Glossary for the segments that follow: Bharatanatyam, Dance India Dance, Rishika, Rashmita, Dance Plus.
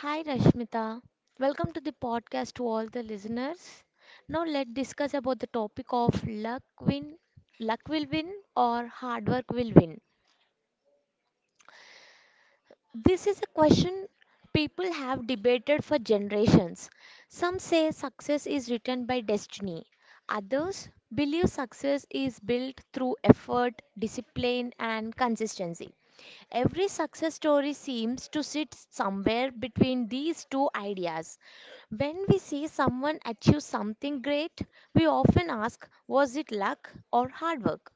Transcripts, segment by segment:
Hi Rashmita. Welcome to the podcast to all the listeners. Now let's discuss about the topic of luck will win or hard work will win. This is a question people have debated for generations. Some say success is written by destiny. Others believe success is built through effort, discipline, and consistency. Every success story seems to sit somewhere between these two ideas. When we see someone achieve something great, we often ask, was it luck or hard work?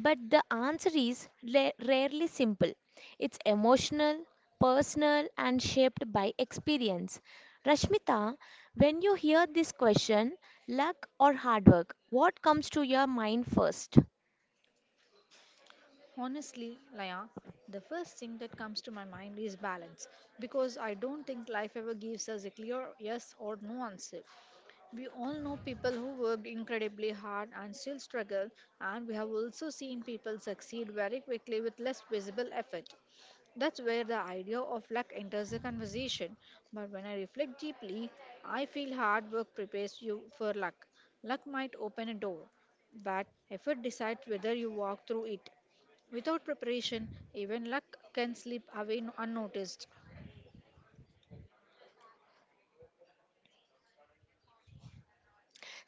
But the answer is rarely simple. It's emotional, personal, and shaped by experience. Rashmita, when you hear this question, luck or hard work, what comes to your mind first? Honestly, Laya, the first thing that comes to my mind is balance because I don't think life ever gives us a clear yes or no answer. We all know people who worked incredibly hard and still struggle, and we have also seen people succeed very quickly with less visible effort. That's where the idea of luck enters the conversation. But when I reflect deeply, I feel hard work prepares you for luck. Luck might open a door, but effort decides whether you walk through it. Without preparation, even luck can slip away unnoticed.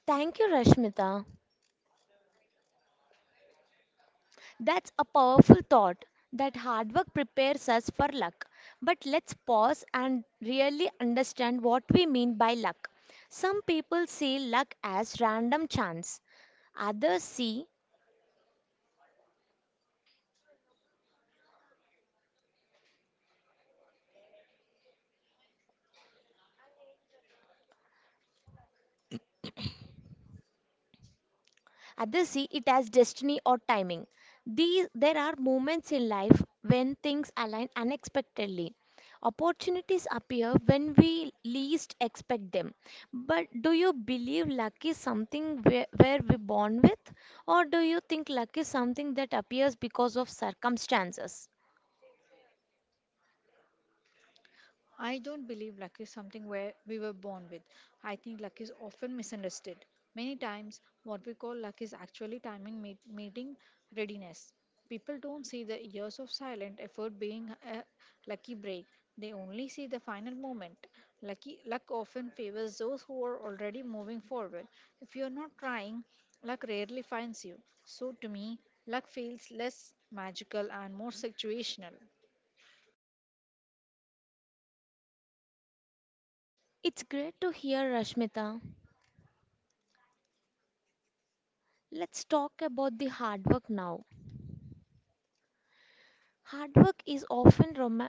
Thank you, Rashmita. That's a powerful thought that hard work prepares us for luck. But let's pause and really understand what we mean by luck. Some people see luck as random chance, others see Others see it as destiny or timing. There are moments in life when things align unexpectedly. Opportunities appear when we least expect them. But do you believe luck is something where we're born with? Or do you think luck is something that appears because of circumstances? I don't believe luck is something where we were born with. I think luck is often misunderstood. Many times, what we call luck is actually timing, meeting readiness. People don't see the years of silent effort being a lucky break. They only see the final moment. Lucky luck often favors those who are already moving forward. If you're not trying, luck rarely finds you. So to me, luck feels less magical and more situational. It's great to hear, Rashmita. Let's talk about the hard work now. Hard work is often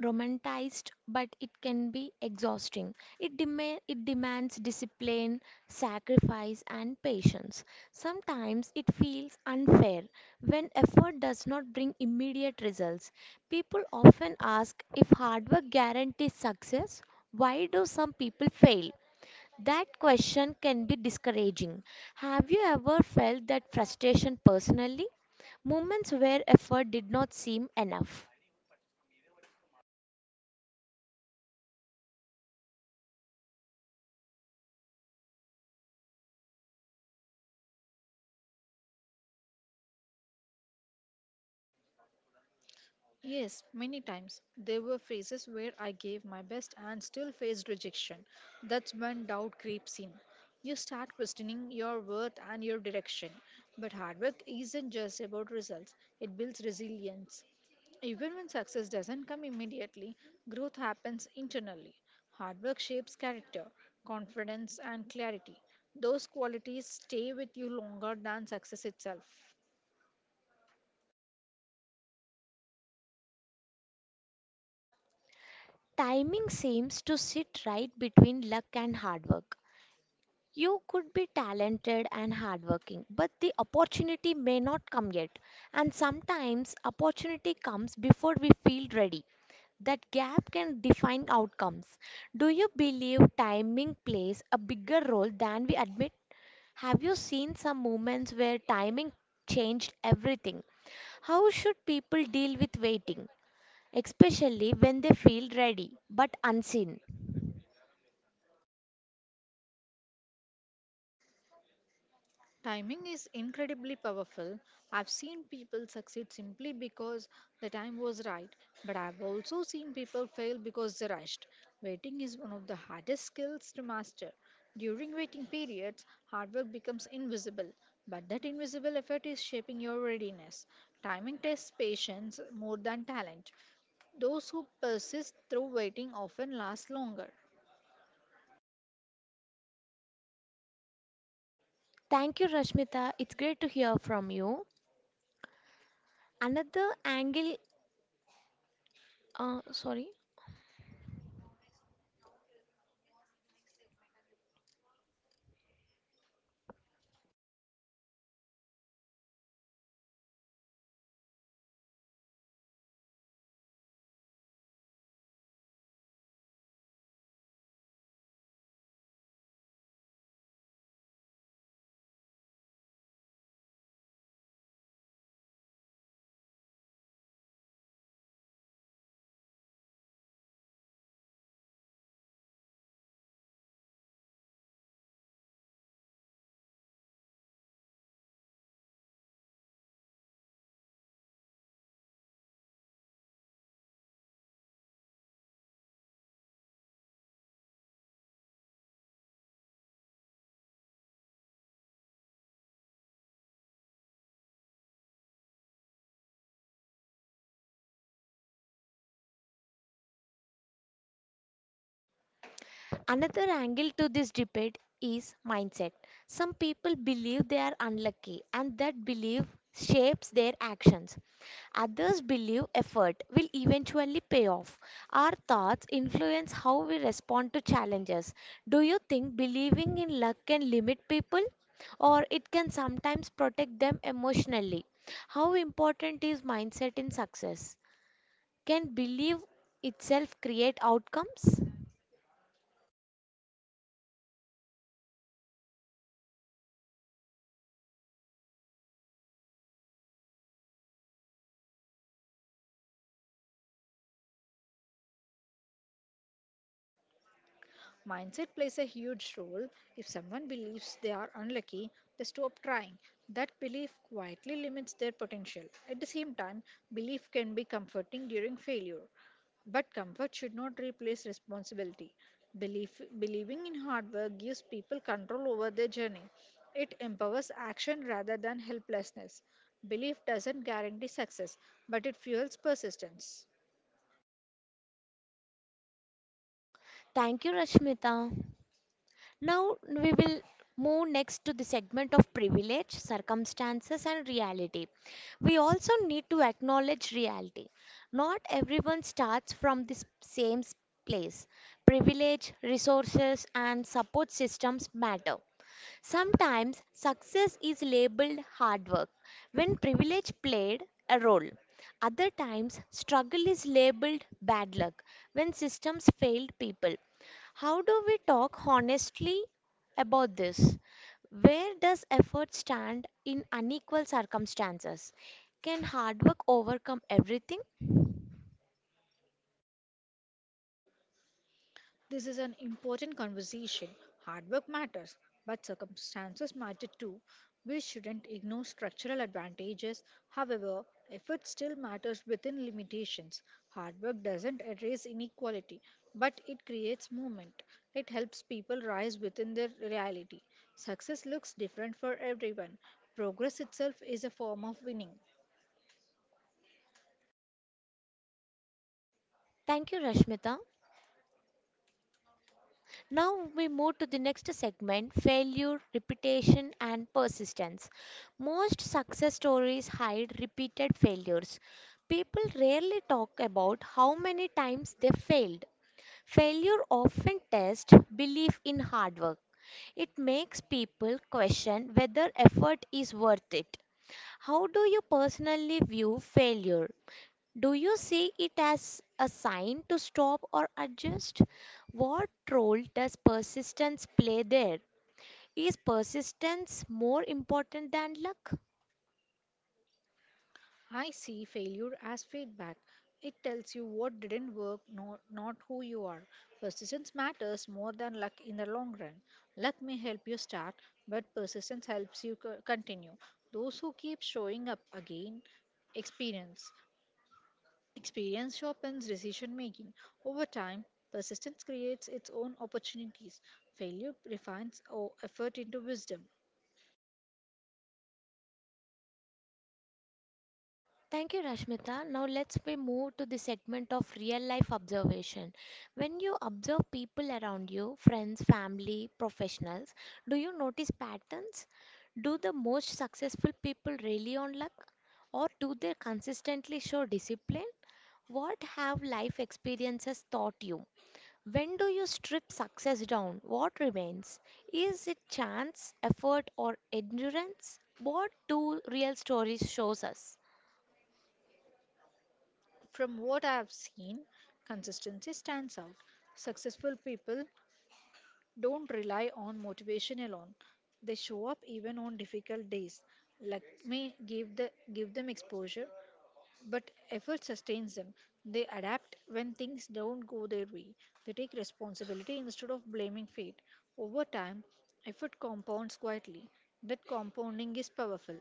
romanticized, but it can be exhausting. It demands discipline, sacrifice, and patience. Sometimes it feels unfair when effort does not bring immediate results. People often ask if hard work guarantees success, why do some people fail? That question can be discouraging. Have you ever felt that frustration personally? Moments where effort did not seem enough. Yes, many times. There were phases where I gave my best and still faced rejection. That's when doubt creeps in. You start questioning your worth and your direction. But hard work isn't just about results, it builds resilience. Even when success doesn't come immediately, growth happens internally. Hard work shapes character, confidence, and clarity. Those qualities stay with you longer than success itself. Timing seems to sit right between luck and hard work. You could be talented and hardworking, but the opportunity may not come yet. And sometimes opportunity comes before we feel ready. That gap can define outcomes. Do you believe timing plays a bigger role than we admit? Have you seen some moments where timing changed everything? How should people deal with waiting, especially when they feel ready but unseen? Timing is incredibly powerful. I've seen people succeed simply because the time was right, but I've also seen people fail because they rushed. Waiting is one of the hardest skills to master. During waiting periods, hard work becomes invisible, but that invisible effort is shaping your readiness. Timing tests patience more than talent. Those who persist through waiting often last longer. Thank you, Rashmita. It's great to hear from you. Another angle, sorry. Another angle to this debate is mindset. Some people believe they are unlucky, and that belief shapes their actions. Others believe effort will eventually pay off. Our thoughts influence how we respond to challenges. Do you think believing in luck can limit people, or it can sometimes protect them emotionally? How important is mindset in success? Can belief itself create outcomes? Mindset plays a huge role. If someone believes they are unlucky, they stop trying. That belief quietly limits their potential. At the same time, belief can be comforting during failure. But comfort should not replace responsibility. Believing in hard work gives people control over their journey. It empowers action rather than helplessness. Belief doesn't guarantee success, but it fuels persistence. Thank you, Rashmita. Now we will move next to the segment of privilege, circumstances, and reality. We also need to acknowledge reality. Not everyone starts from the same place. Privilege, resources, and support systems matter. Sometimes success is labeled hard work when privilege played a role. Other times, struggle is labeled bad luck when systems failed people. How do we talk honestly about this? Where does effort stand in unequal circumstances? Can hard work overcome everything? This is an important conversation. Hard work matters, but circumstances matter too. We shouldn't ignore structural advantages. However, effort still matters within limitations. Hard work doesn't erase inequality, but it creates movement. It helps people rise within their reality. Success looks different for everyone. Progress itself is a form of winning. Thank you, Rashmita. Now we move to the next segment failure, repetition, and persistence. Most success stories hide repeated failures. People rarely talk about how many times they failed. Failure often tests belief in hard work. It makes people question whether effort is worth it. How do you personally view failure? Do you see it as a sign to stop or adjust? What role does persistence play there? Is persistence more important than luck? I see failure as feedback. It tells you what didn't work, no, not who you are. Persistence matters more than luck in the long run. Luck may help you start, but persistence helps you continue. Those who keep showing up again experience. Experience sharpens decision making. Over time, persistence creates its own opportunities. Failure refines our effort into wisdom. Thank you, Rashmita. Now let's we move to the segment of real life observation. When you observe people around you, friends, family, professionals, do you notice patterns? Do the most successful people rely on luck or do they consistently show discipline? What have life experiences taught you? When do you strip success down? What remains? Is it chance, effort or endurance? What do real stories shows us? From what I have seen, consistency stands out. Successful people don't rely on motivation alone. They show up even on difficult days. Let me give them exposure, but effort sustains them. They adapt when things don't go their way. They take responsibility instead of blaming fate. Over time, effort compounds quietly. That compounding is powerful.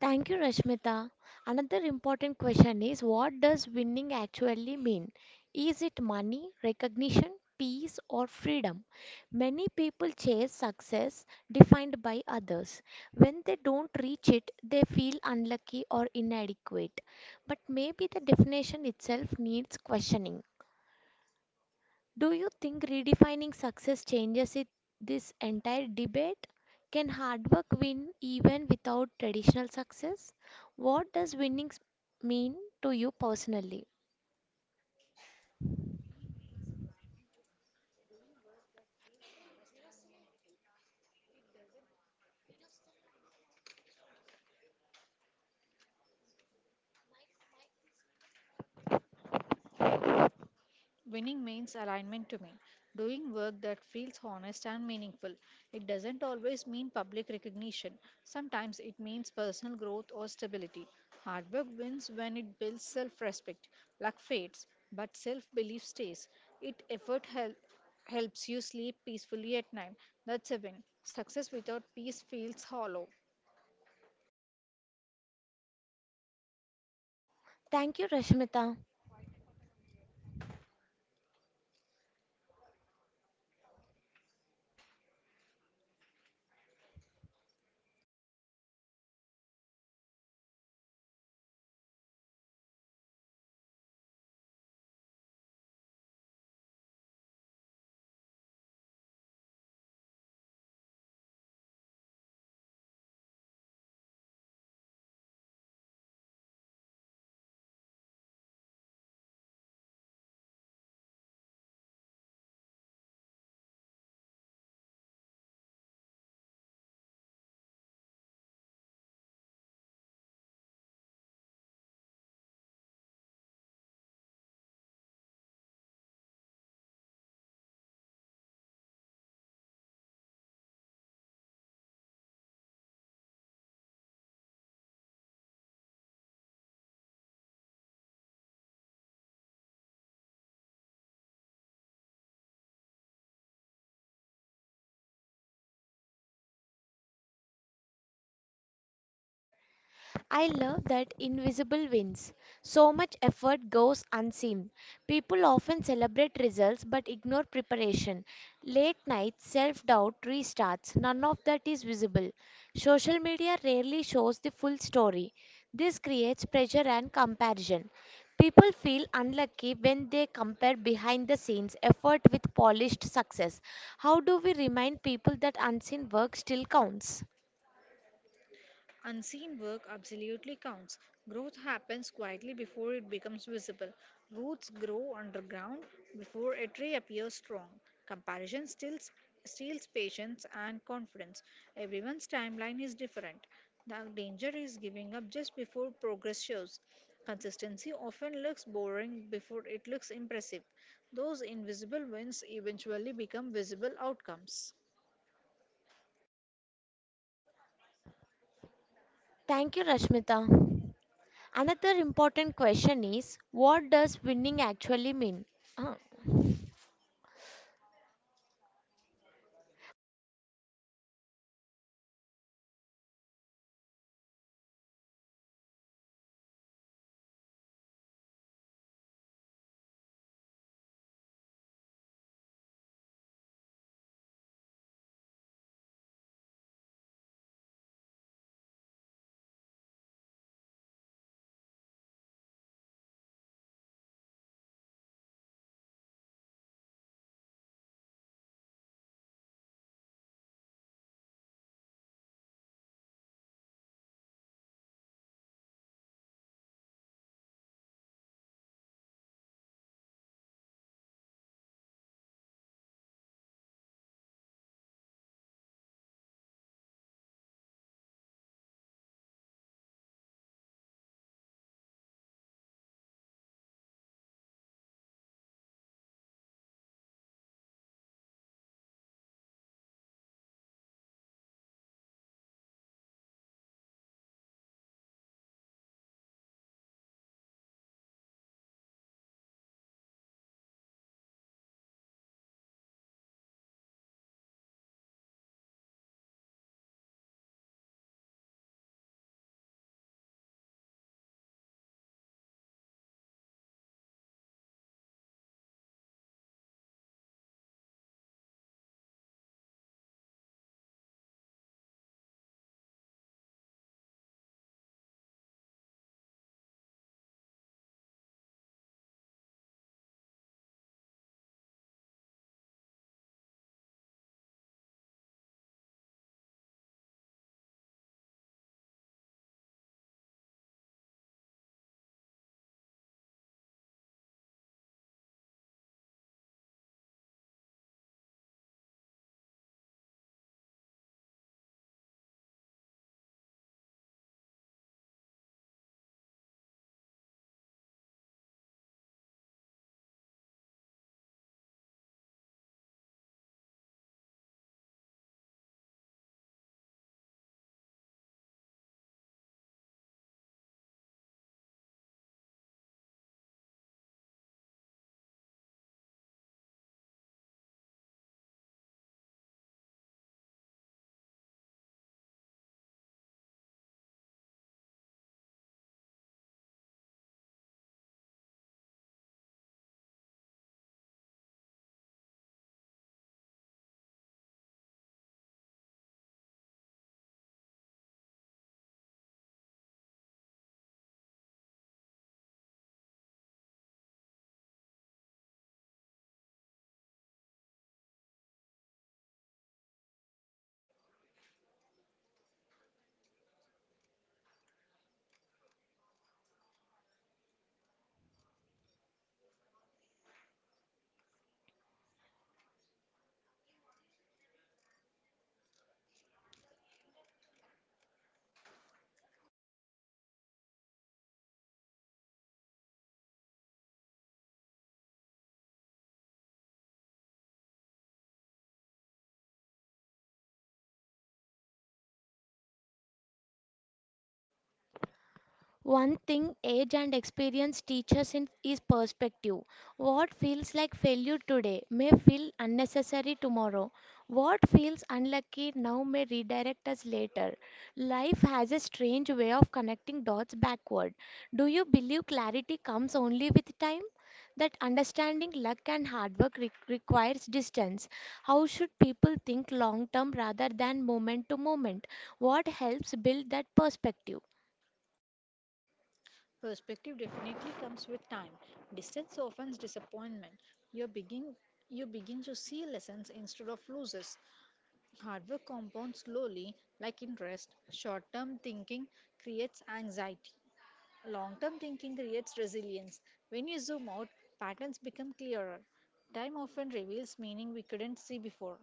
Thank you, Rashmita. Another important question is, what does winning actually mean? Is it money, recognition, peace, or freedom? Many people chase success defined by others. When they don't reach it, they feel unlucky or inadequate. But maybe the definition itself needs questioning. Do you think redefining success changes it, this entire debate? Can hard work win even without traditional success? What does winning mean to you personally? Winning means alignment to me, doing work that feels honest and meaningful. It doesn't always mean public recognition, sometimes it means personal growth or stability. Hard work wins when it builds self respect. Luck fades, but self belief stays. It effort help, helps you sleep peacefully at night. That's a win. Success without peace feels hollow. Thank you, Rashmita. I love that invisible wins. So much effort goes unseen. People often celebrate results but ignore preparation. Late night self doubt restarts. None of that is visible. Social media rarely shows the full story. This creates pressure and comparison. People feel unlucky when they compare behind the scenes effort with polished success. How do we remind people that unseen work still counts? Unseen work absolutely counts. Growth happens quietly before it becomes visible. Roots grow underground before it reappears strong. Comparison still steals patience and confidence. Everyone's timeline is different. The danger is giving up just before progress shows. Consistency often looks boring before it looks impressive. Those invisible wins eventually become visible outcomes. Thank you, Rashmita. Another important question is, what does winning actually mean? Huh. One thing age and experience teaches is perspective. What feels like failure today may feel unnecessary tomorrow. What feels unlucky now may redirect us later. Life has a strange way of connecting dots backward. Do you believe clarity comes only with time? That understanding luck and hard work requires distance. How should people think long term rather than moment to moment? What helps build that perspective? Perspective definitely comes with time. Distance often disappointment. You begin you begin to see lessons instead of losses. Hard work compounds slowly, like interest. Short-term thinking creates anxiety. Long-term thinking creates resilience. When you zoom out, patterns become clearer. Time often reveals meaning we couldn't see before.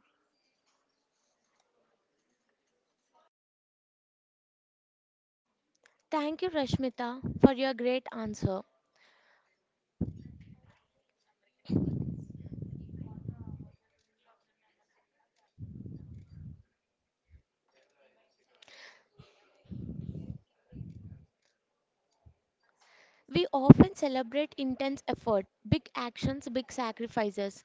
Thank you, Rashmita, for your great answer. We often celebrate intense effort, big actions, big sacrifices,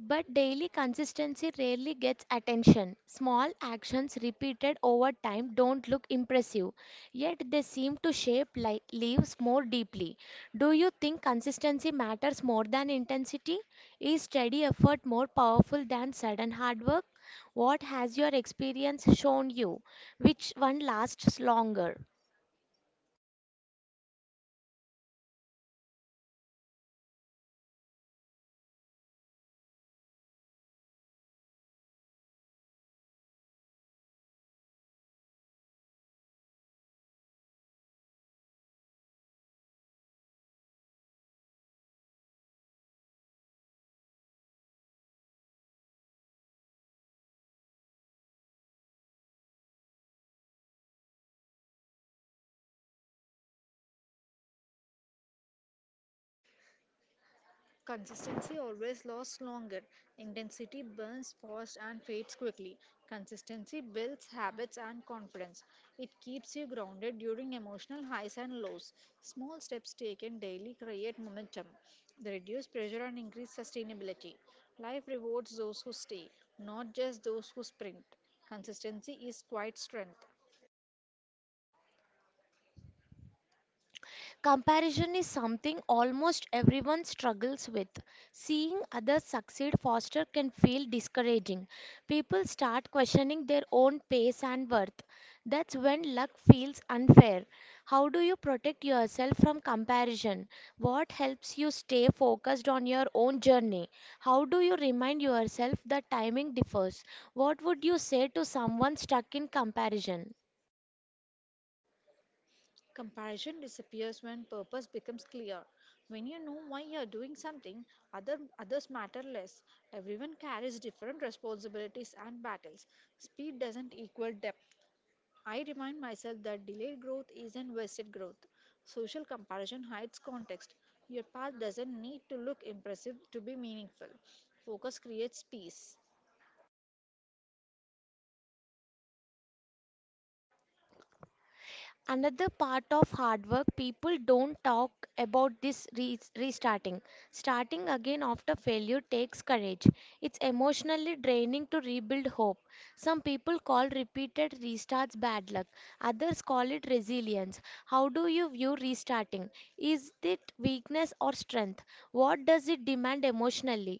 but daily consistency rarely gets attention. Small actions repeated over time don't look impressive, yet they seem to shape lives more deeply. Do you think consistency matters more than intensity? Is steady effort more powerful than sudden hard work? What has your experience shown you? Which one lasts longer? Consistency always lasts longer. Intensity burns fast and fades quickly. Consistency builds habits and confidence. It keeps you grounded during emotional highs and lows. Small steps taken daily create momentum. They reduce pressure and increase sustainability. Life rewards those who stay, not just those who sprint. Consistency is quite strength. Comparison is something almost everyone struggles with. Seeing others succeed faster can feel discouraging. People start questioning their own pace and worth. That's when luck feels unfair. How do you protect yourself from comparison? What helps you stay focused on your own journey? How do you remind yourself that timing differs? What would you say to someone stuck in comparison? Comparison disappears when purpose becomes clear. When you know why you are doing something, others matter less. Everyone carries different responsibilities and battles. Speed doesn't equal depth. I remind myself that delayed growth isn't wasted growth. Social comparison hides context. Your path doesn't need to look impressive to be meaningful. Focus creates peace. Another part of hard work people don't talk about this restarting. Starting again after failure takes courage. It's emotionally draining to rebuild hope. Some people call repeated restarts bad luck, others call it resilience. How do you view restarting? Is it weakness or strength? What does it demand emotionally?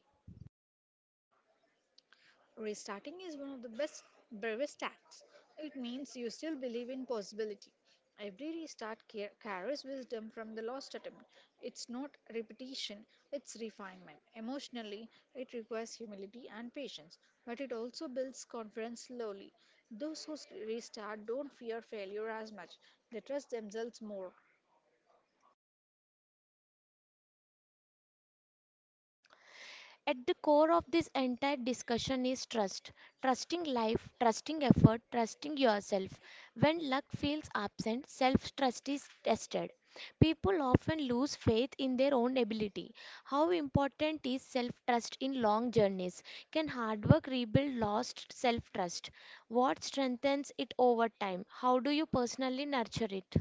Restarting is one of the best, bravest acts. It means you still believe in possibility. Every restart carries wisdom from the last attempt. It's not repetition, it's refinement. Emotionally, it requires humility and patience, but it also builds confidence slowly. Those who restart don't fear failure as much, they trust themselves more. At the core of this entire discussion is trust. Trusting life, trusting effort, trusting yourself. When luck feels absent, self trust is tested. People often lose faith in their own ability. How important is self trust in long journeys? Can hard work rebuild lost self trust? What strengthens it over time? How do you personally nurture it?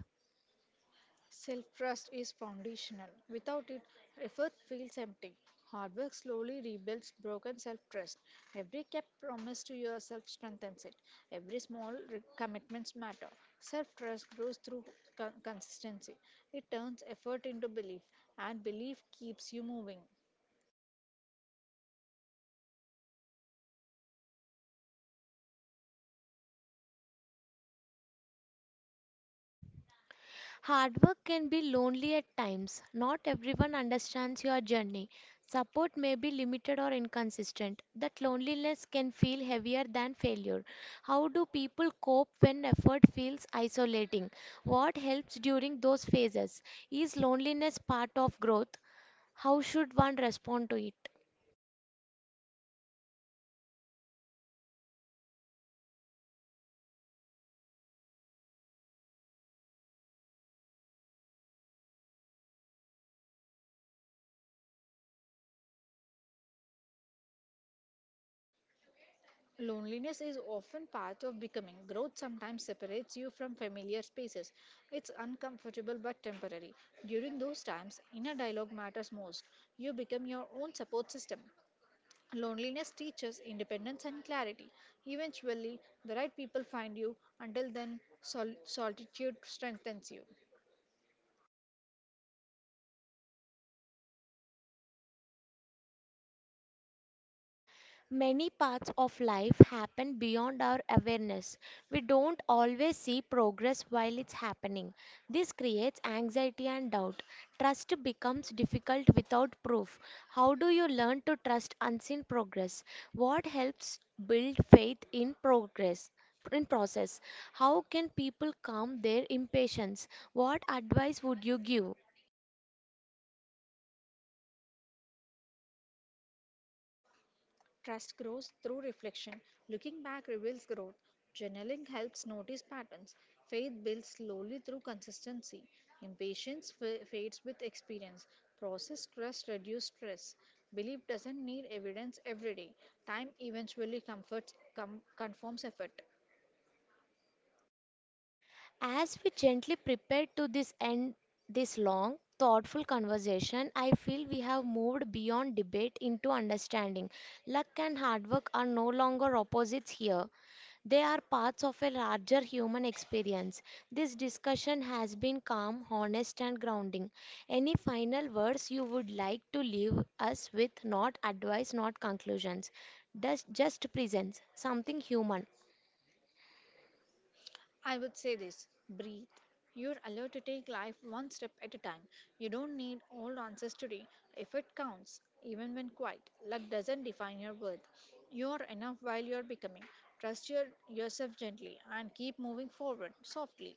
Self trust is foundational. Without it, effort feels empty. Hard work slowly rebuilds broken self trust. Every kept promise to yourself strengthens it. Every small commitments matter. Self trust grows through consistency. It turns effort into belief, and belief keeps you moving. Hard work can be lonely at times. Not everyone understands your journey. Support may be limited or inconsistent. That loneliness can feel heavier than failure. How do people cope when effort feels isolating? What helps during those phases? Is loneliness part of growth? How should one respond to it? Loneliness is often part of becoming. Growth sometimes separates you from familiar spaces. It's uncomfortable but temporary. During those times, inner dialogue matters most. You become your own support system. Loneliness teaches independence and clarity. Eventually, the right people find you. Until then, solitude strengthens you. Many parts of life happen beyond our awareness. We don't always see progress while it's happening. This creates anxiety and doubt. Trust becomes difficult without proof. How do you learn to trust unseen progress? What helps build faith in progress, in process? How can people calm their impatience? What advice would you give? Trust grows through reflection. Looking back reveals growth. Journaling helps notice patterns. Faith builds slowly through consistency. Impatience fades with experience. Process trust reduces stress. Belief doesn't need evidence every day. Time eventually confirms effort. As we gently prepare to this end this long, thoughtful conversation, I feel we have moved beyond debate into understanding. Luck and hard work are no longer opposites here. They are parts of a larger human experience. This discussion has been calm, honest, and grounding. Any final words you would like to leave us with? Not advice, not conclusions. Just presence, something human. I would say this breathe. You're allowed to take life one step at a time. You don't need all answers today. If it counts, even when quiet, luck doesn't define your worth. You're enough while you're becoming. Trust yourself gently and keep moving forward softly.